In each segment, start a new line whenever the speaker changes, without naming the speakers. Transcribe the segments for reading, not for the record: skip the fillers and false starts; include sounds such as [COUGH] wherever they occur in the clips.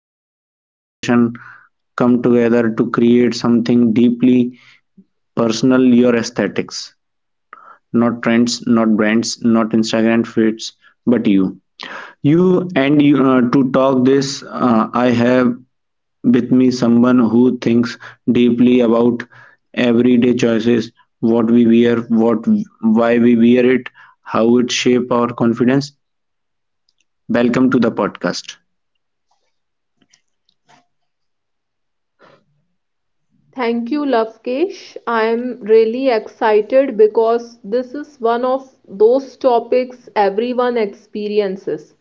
comfort, self expression come together to create something deeply personal. Your aesthetics, not trends, not brands, not Instagram fits, but you. You and you, to talk this, I have with me someone who thinks deeply about everyday choices, what we wear, what why we wear it, how it shape our confidence. Welcome to the podcast.
Thank you, Lavkesh. I am really excited because this is one of those topics everyone experiences,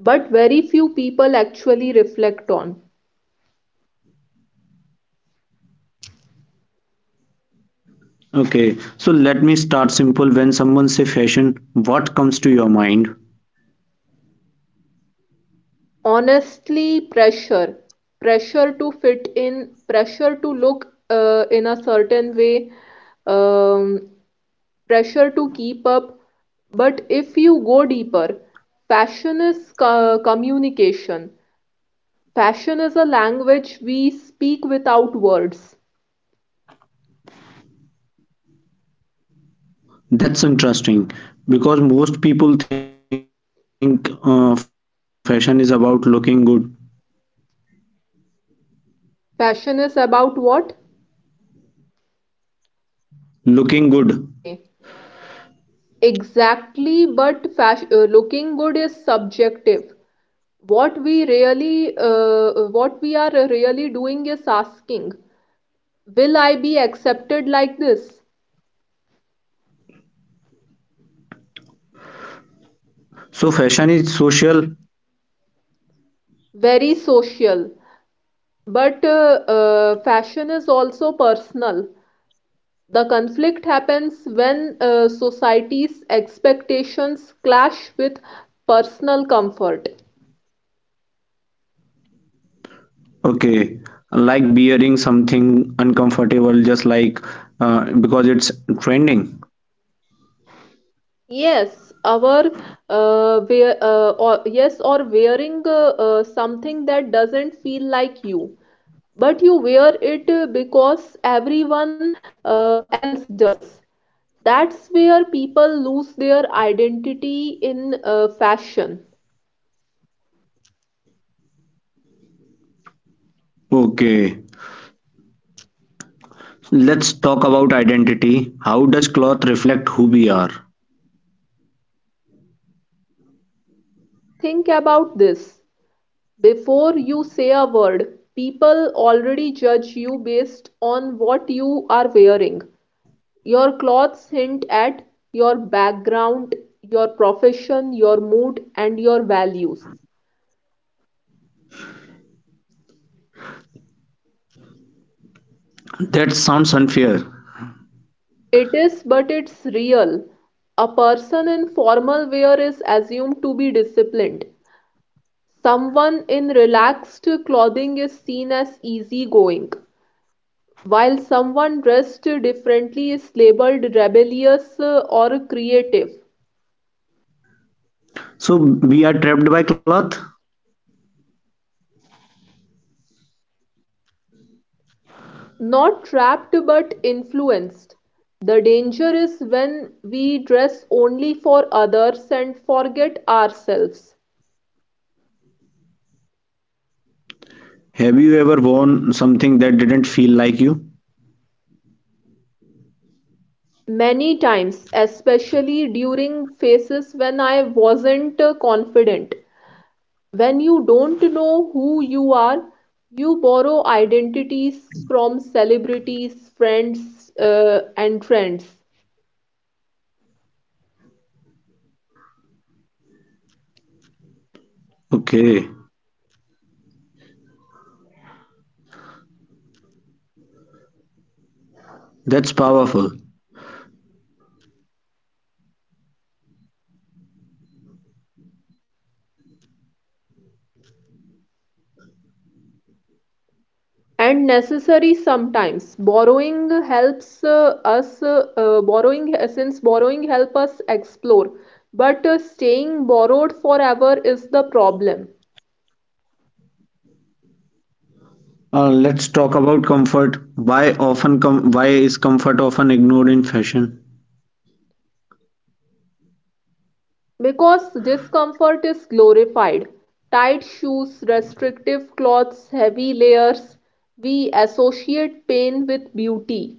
but very few people actually reflect on.
Okay, so let me start simple. When someone say fashion, what comes to your mind?
Honestly, pressure. Pressure to fit in, pressure to look in a certain way, um, pressure to keep up. But if you go deeper, fashion is communication. Passion is a language we speak without words.
That's interesting because most people think fashion is about looking good.
Passion is about what?
Looking good.
Okay. Exactly, but fashion, looking good is subjective. What we what we are really doing is asking, will I be accepted like this?
So fashion is social.
Very social. But fashion is also personal. The conflict happens when society's expectations clash with personal comfort.
Okay, like wearing something uncomfortable, just like because it's trending.
Yes, yes, or wearing something that doesn't feel like you, but you wear it because everyone else does. That's where people lose their identity in fashion.
Okay, let's talk about identity. How does cloth reflect who we are?
Think about this. Before you say a word, people already judge you based on what you are wearing. Your clothes hint at your background, your profession, your mood, and your values.
That sounds unfair.
It is, but it's real. A person in formal wear is assumed to be disciplined. Someone in relaxed clothing is seen as easygoing, while someone dressed differently is labeled rebellious or creative.
So we are trapped by cloth?
Not trapped but influenced, the danger is when we dress only for others and forget ourselves.
Have you ever worn something that didn't feel like you?
Many times, especially during phases when I wasn't confident, when you don't know who you are, you borrow identities from celebrities, friends, and trends.
Okay, that's powerful.
And necessary sometimes borrowing helps us borrowing since borrowing help us explore, but staying borrowed forever is the problem.
Let's talk about comfort. Why is comfort often ignored in fashion?
Because discomfort is glorified, tight shoes, restrictive clothes, heavy layers, we associate pain with beauty.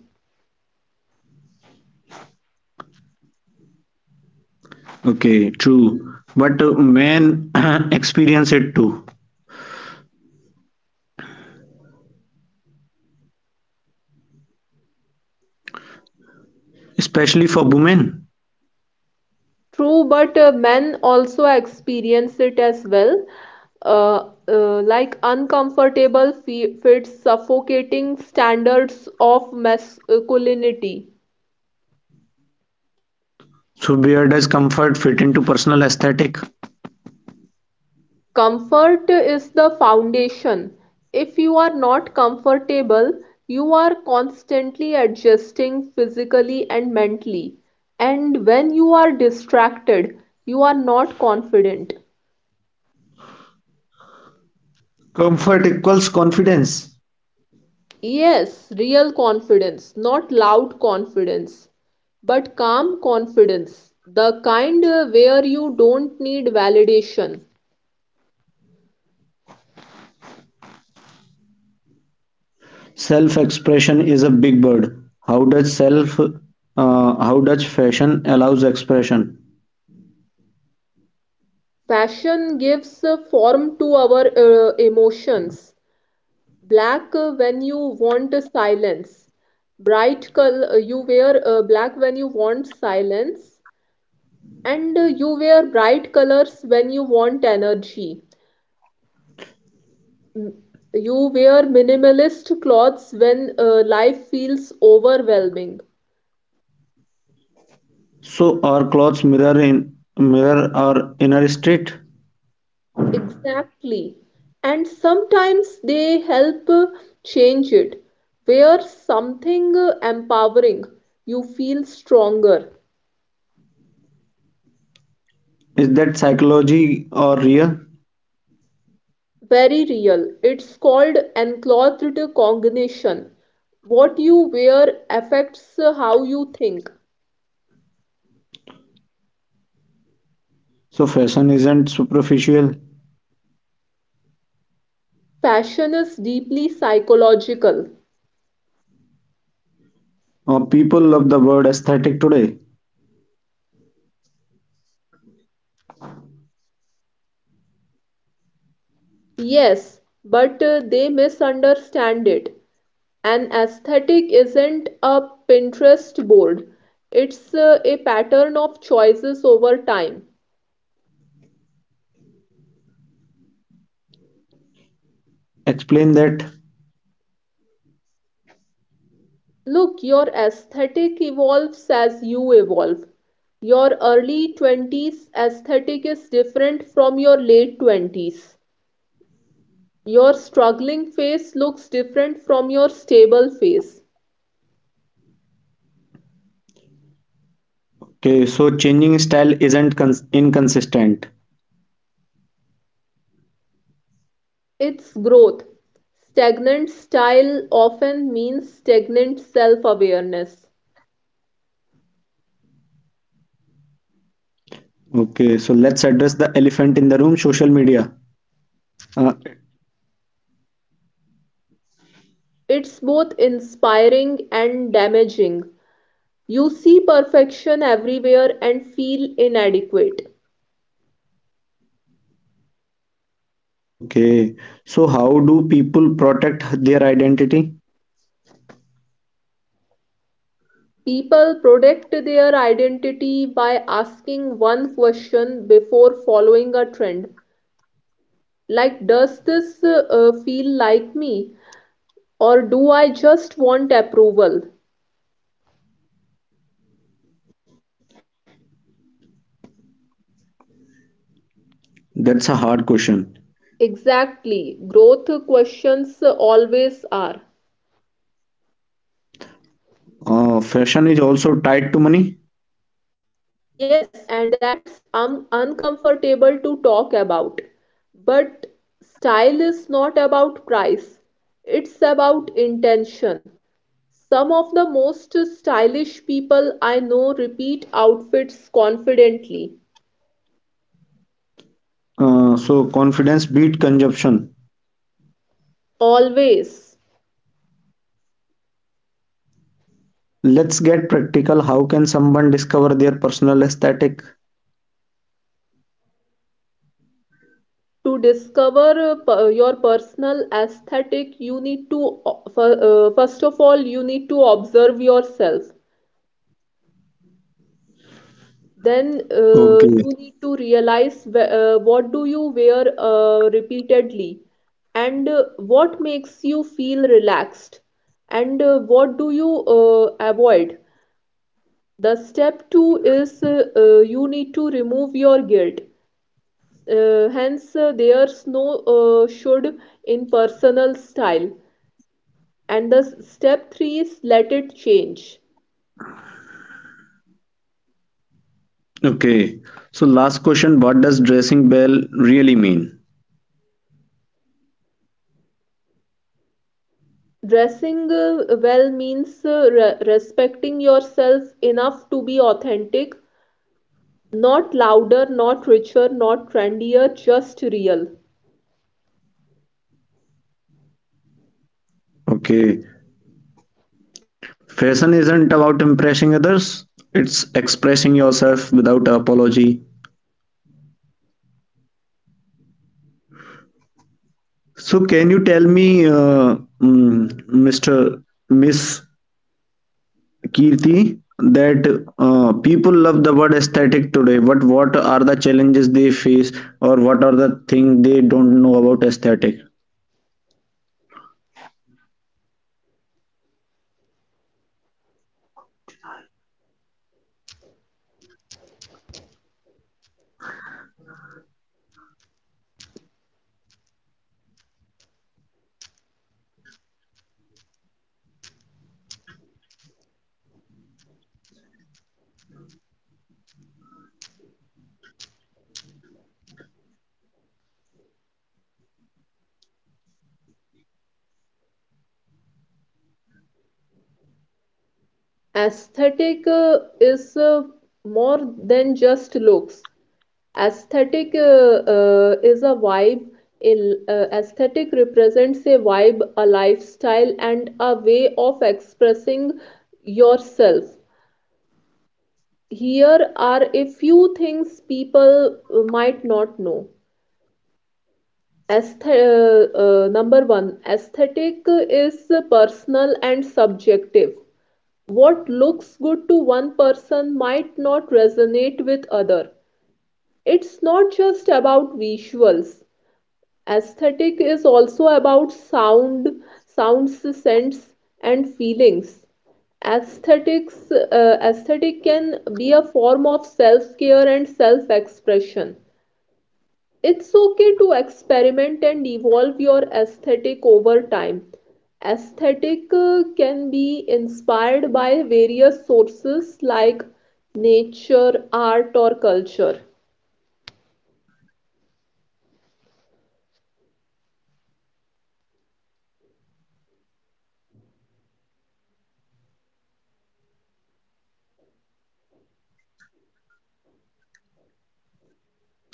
Okay, true. But men [CLEARS THROAT] experience it too, especially for women.
True, but men also experience it as well, like uncomfortable fe fits, suffocating standards of masculinity.
So where does comfort fit into personal aesthetic?
Comfort is the foundation. If you are not comfortable, you are constantly adjusting physically and mentally. And when you are distracted, you are not confident.
Comfort equals confidence.
Yes, real confidence, not loud confidence, but calm confidence, the kind where you don't need validation.
Self-expression is a big word. How does fashion allows expression?
Fashion gives form to our emotions. Black when you want silence. Bright color you wear black when you want silence, and you wear bright colors when you want energy. You wear minimalist clothes when life feels overwhelming.
So our clothes mirror our inner state.
Exactly. And sometimes they help change it. Wear something empowering. You feel stronger.
Is that psychology or real?
Very real. It's called enclothed cognition. What you wear affects how you think.
So fashion isn't superficial.
Fashion is deeply psychological.
People love the word aesthetic today.
Yes, but they misunderstand it. An aesthetic isn't a Pinterest board, it's a pattern of choices over time.
Explain that.
Look, your aesthetic evolves as you evolve. Your early 20s aesthetic is different from your late 20s. Your struggling phase looks different from your stable phase.
Okay, so changing style isn't cons- inconsistent.
It's growth. Stagnant style often means stagnant self awareness.
Okay, so let's address the elephant in the room, social media. uh,
It's both inspiring and damaging. You see perfection everywhere and feel inadequate.
okay, so how do people protect their identity?
People protect their identity by asking one question before following a trend. Like, does this feel like me? Or do I just want approval?
That's a hard question.
Exactly. Growth questions always are.
Fashion is also tied to money.
Yes, and that's uncomfortable to talk about. But style is not about price, it's about intention. Some of the most stylish people I know repeat outfits confidently,
So confidence beat consumption.
always.
Let's get practical, how can someone discover their personal aesthetic?
To discover your personal aesthetic, you need to, first of all, you need to observe yourself. Then
Okay.
you need to realize what do you wear repeatedly, and what makes you feel relaxed, and what do you avoid. The step two is you need to remove your guilt, hence there's no should in personal style. And the step three is let it change.
Okay, so last question, what does dressing well really mean?
Dressing well means respecting yourself enough to be authentic, not louder, not richer, not trendier, just real.
Okay. Fashion isn't about impressing others, it's expressing yourself without apology. So, can you tell me, Mr. Miss Kirti, that people love the word aesthetic today. What are the challenges they face, or what are the things they don't know about aesthetic?
Aesthetic is more than just looks. Aesthetic Is a vibe. Aesthetic represents a vibe, a lifestyle, and a way of expressing yourself. Here are a few things people might not know. Number one, aesthetic is personal and subjective. What looks good to one person might not resonate with other. It's not just about visuals. Aesthetic is also about sound, sounds, scents, and feelings. Aesthetic can be a form of self-care and self-expression. It's okay to experiment and evolve your aesthetic over time. Aesthetic can be inspired by various sources like nature, art, or culture.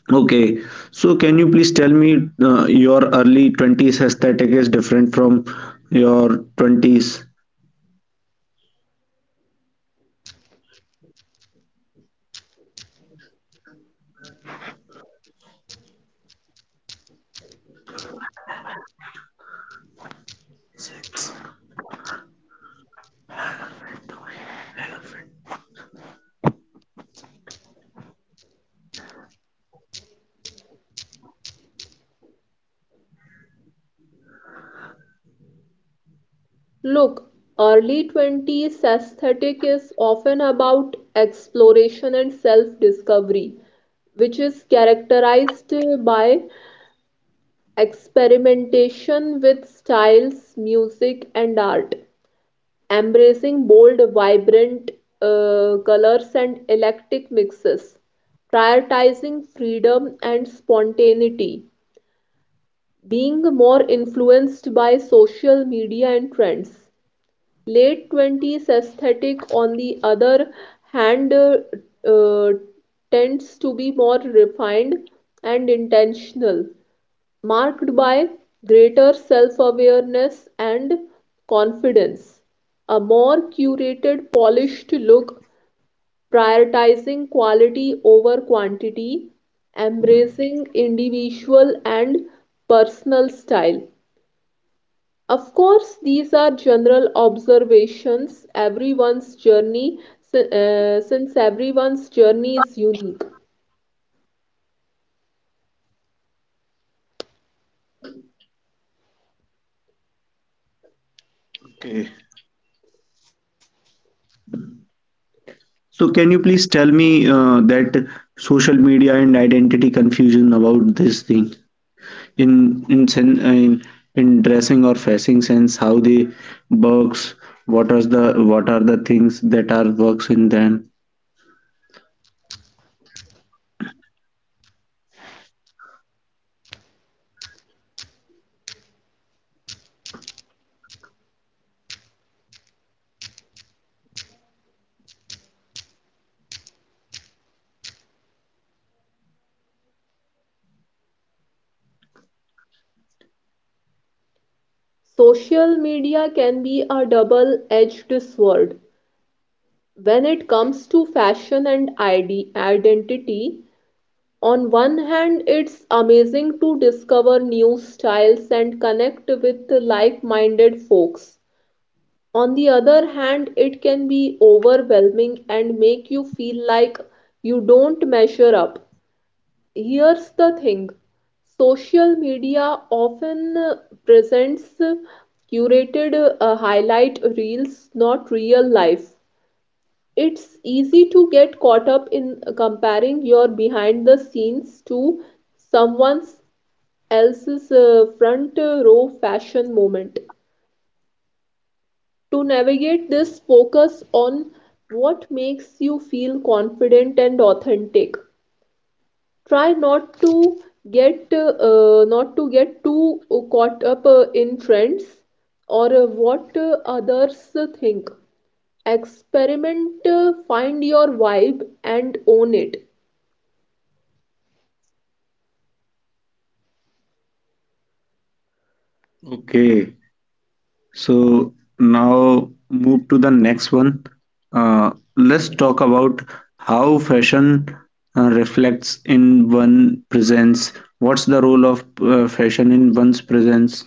Okay, so can you please tell me your early 20s aesthetic is different from your 20s?
Look, early 20s aesthetic is often about exploration and self discovery, which is characterized by experimentation with styles, music, and art. Embracing bold, vibrant colors and eclectic mixes, prioritizing freedom and spontaneity, being more influenced by social media and trends. Late 20s aesthetic, on the other hand, uh, tends to be more refined and intentional, marked by greater self awareness and confidence, a more curated, polished look, prioritizing quality over quantity, embracing individual and personal style. Of course, these are general observations. Since everyone's journey is unique,
Okay. So can you please tell me that social media and identity confusion about this thing in in sen- in, in dressing or fashion sense, how they works. What are the what are the things that are works in them?
social media can be a double edged sword when it comes to fashion and identity. On one hand, it's amazing to discover new styles and connect with like minded folks. On the other hand, it can be overwhelming and make you feel like you don't measure up. Here's the thing: social media often presents curated highlight reels, not real life. It's easy to get caught up in comparing your behind the scenes to someone else's front row fashion moment. To navigate this, focus on what makes you feel confident and authentic. Try not to get Not to get too caught up in trends or what others think. Experiment, find your vibe, and own it.
Okay, so now move to the next one. uh, let's talk about how fashion reflects in one presence. What's the role of fashion in one's presence?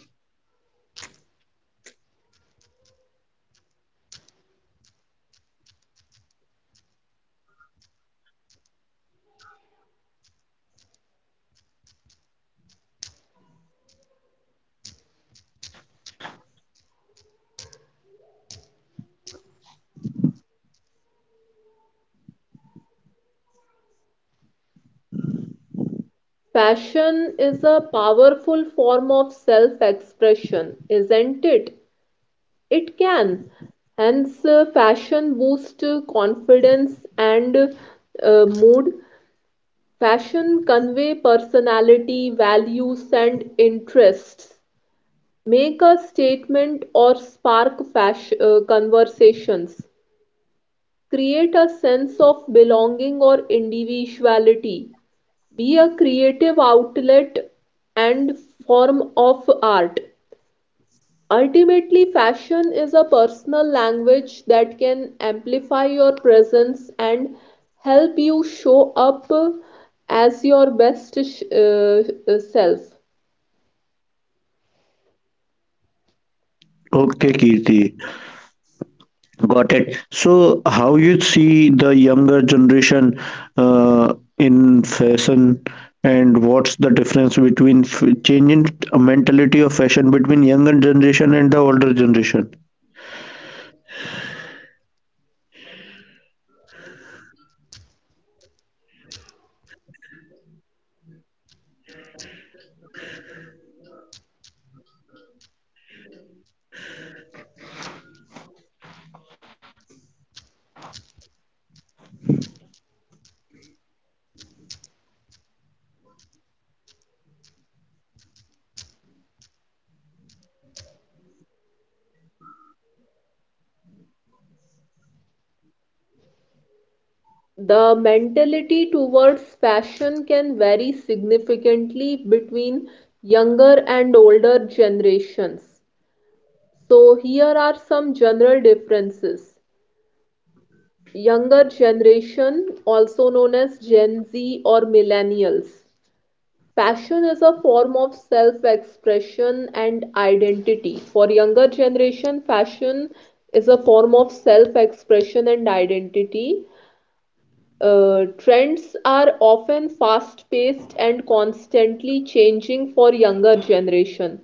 Fashion is a powerful form of self expression, isn't it? It can. Hence, fashion boosts confidence and mood. Fashion convey personality, values, and interests. Make a statement or spark fashion, conversations. Create a sense of belonging or individuality. Be a creative outlet and form of art. Ultimately, fashion is a personal language that can amplify your presence and help you show up as your best self.
Okay, Kirti, got it. So, how you see the younger generation in fashion, and what's the difference between f changing a mentality of fashion between younger generation and the older generation?
The mentality towards fashion can vary significantly between younger and older generations, so here are some general differences. Younger generation, also known as Gen Z or millennials. Fashion is a form of self expression and identity. For younger generation, fashion is a form of self expression and identity. Trends are often fast paced and constantly changing for younger generation.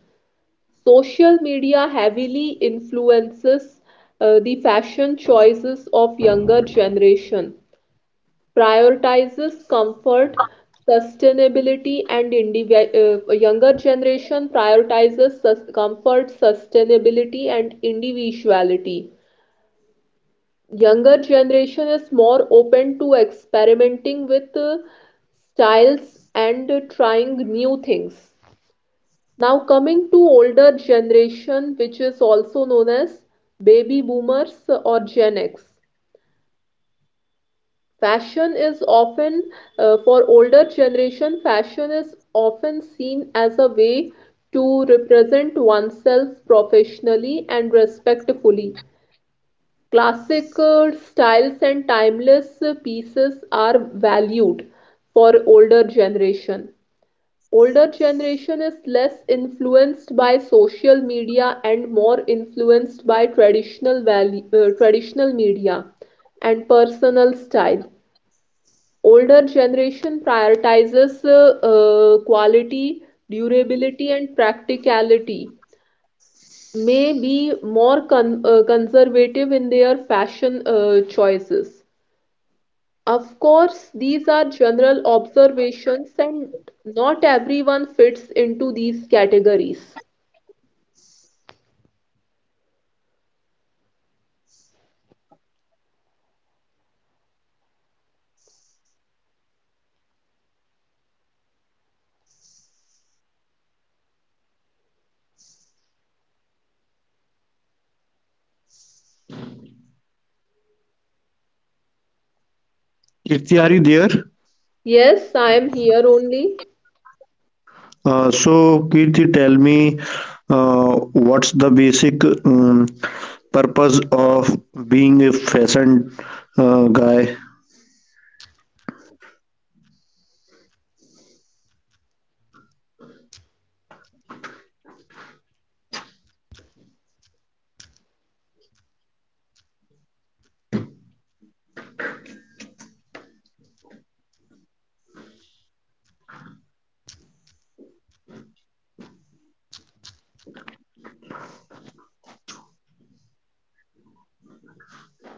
Social media heavily influences the fashion choices of younger generation. Prioritizes comfort, sustainability, and indivi- Younger generation prioritizes comfort, sustainability, and individuality. Younger generation is more open to experimenting with styles and trying new things. Now coming to older generation, which is also known as baby boomers or Gen X. Fashion is often, for older generation, fashion is often seen as a way to represent oneself professionally and respectfully. Classic styles and timeless pieces are valued for older generation. Older generation is less influenced by social media and more influenced by traditional media and personal style. Older generation prioritizes quality, durability, and practicality, may be more conservative in their fashion choices. Of course, these are general observations, and not everyone fits into these categories.
Kirti, are you there?
Yes, I am here only.
So, Kirti, tell me, uh, what's the basic purpose of being a fashion guy?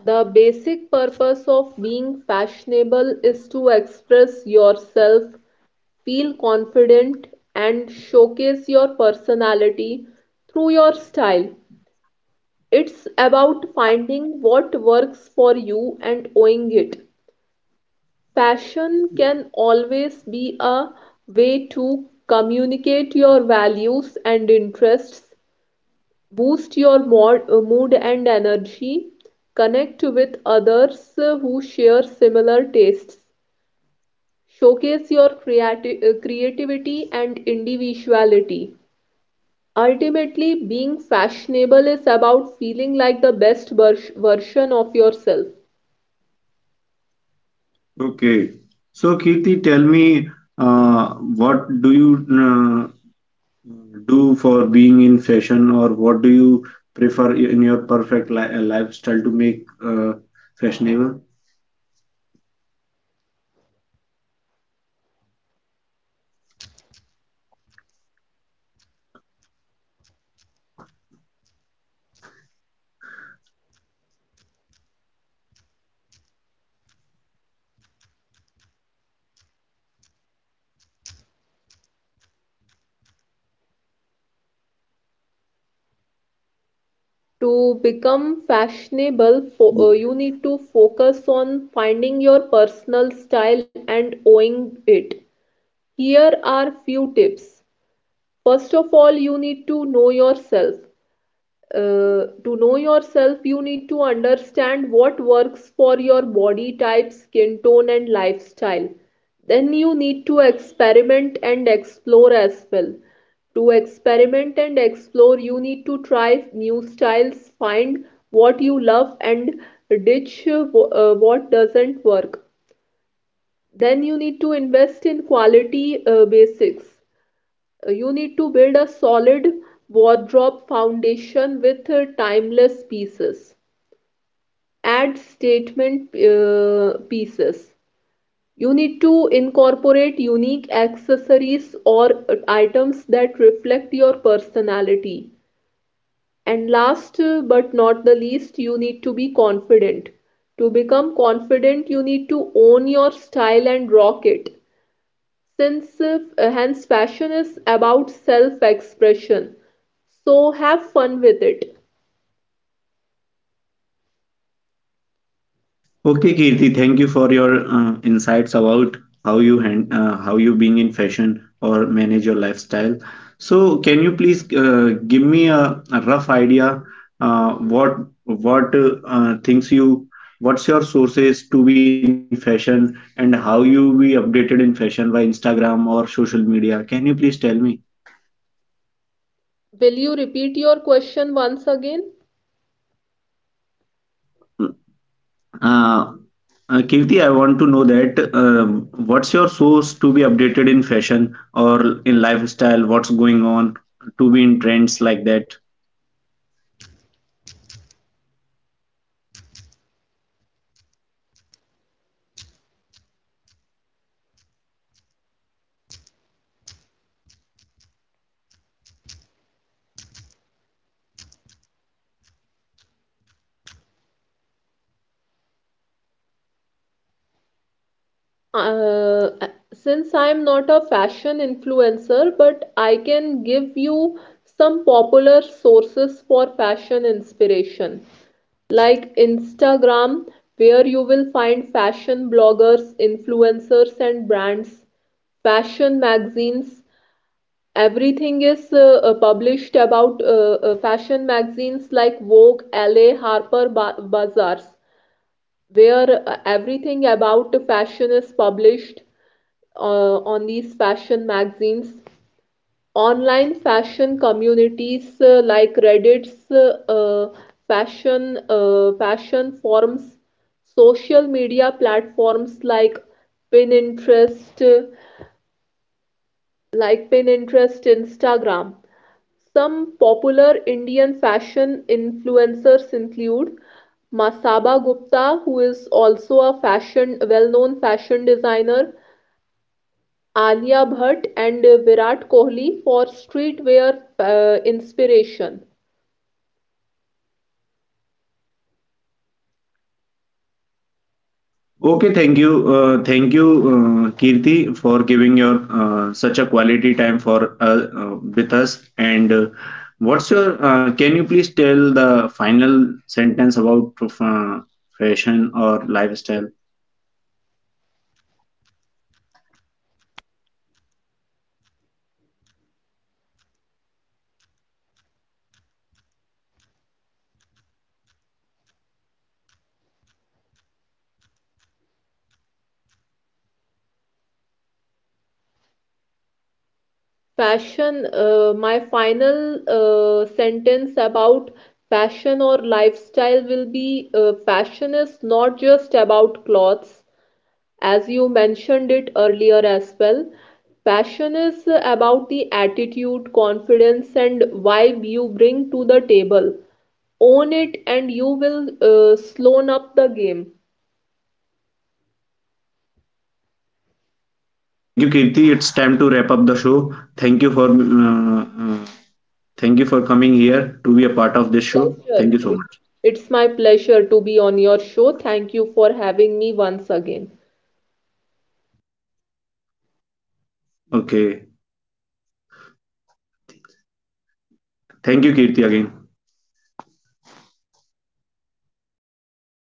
The basic purpose of being fashionable is to express yourself, feel confident, and showcase your personality through your style. It's about finding what works for you and owning it. Fashion can always be a way to communicate your values and interests, boost your mood and energy, connect with others who share similar tastes, showcase your creativity and individuality. Ultimately, being fashionable is about feeling like the best version of yourself.
Okay. So, Kirti, tell me, what do you do for being in fashion, or what do you prefer in your perfect li lifestyle to make fashionable?
To become fashionable, you need to focus on finding your personal style and owning it. Here are few tips. First of all, you need to know yourself. To know yourself, you need to understand what works for your body type, skin tone, and lifestyle. Then you need to experiment and explore as well. To experiment and explore, you need to try new styles, find what you love, and ditch what doesn't work. Then you need to invest in quality basics. You need to build a solid wardrobe foundation with timeless pieces. Add statement pieces. You need to incorporate unique accessories or items that reflect your personality. And last but not the least, you need to be confident. To become confident, you need to own your style and rock it. Since if- hence fashion is about self-expression. So have fun with it.
Okay, Kirti, thank you for your insights about how you being in fashion or manage your lifestyle. So, can you please give me a rough idea uh, what what uh, uh, things you what's your sources to be in fashion and how you be updated in fashion by Instagram or social media? Can you please tell me?
Will you repeat your question once again?
Uh, Kirti, I want to know that what's your source to be updated in fashion or in lifestyle? What's going on to be in trends like that?
Uh, since I am not a fashion influencer, but I can give you some popular sources for fashion inspiration, like Instagram, where you will find fashion bloggers, influencers, and brands, fashion magazines. Everything is published about Fashion magazines like Vogue, LA, Harper ba Bazaars, where everything about fashion is published on these fashion magazines. Online fashion communities like Reddit's fashion fashion forums, social media platforms like Pinterest, uh, Pinterest, Instagram. Some popular Indian fashion influencers include Masaba Gupta, who is also a fashion well-known fashion designer, Alia Bhatt and Virat Kohli for streetwear inspiration.
Okay, thank you, Kirti, for giving your such a quality time for with us. And what's your? Can you please tell the final sentence about fashion or lifestyle?
My final sentence about fashion or lifestyle will be fashion is not just about clothes. As you mentioned it earlier as well, passion is about the attitude, confidence, and vibe you bring to the table. Own it, and you will slow up the game.
Thank you, Kirti. It's time to wrap up the show. Thank you for coming here to be a part of this show. Thank you
Pleasure.
so much.
It's my pleasure to be on your show. Thank you for having me once again.
Okay. Thank you, Kirti, again.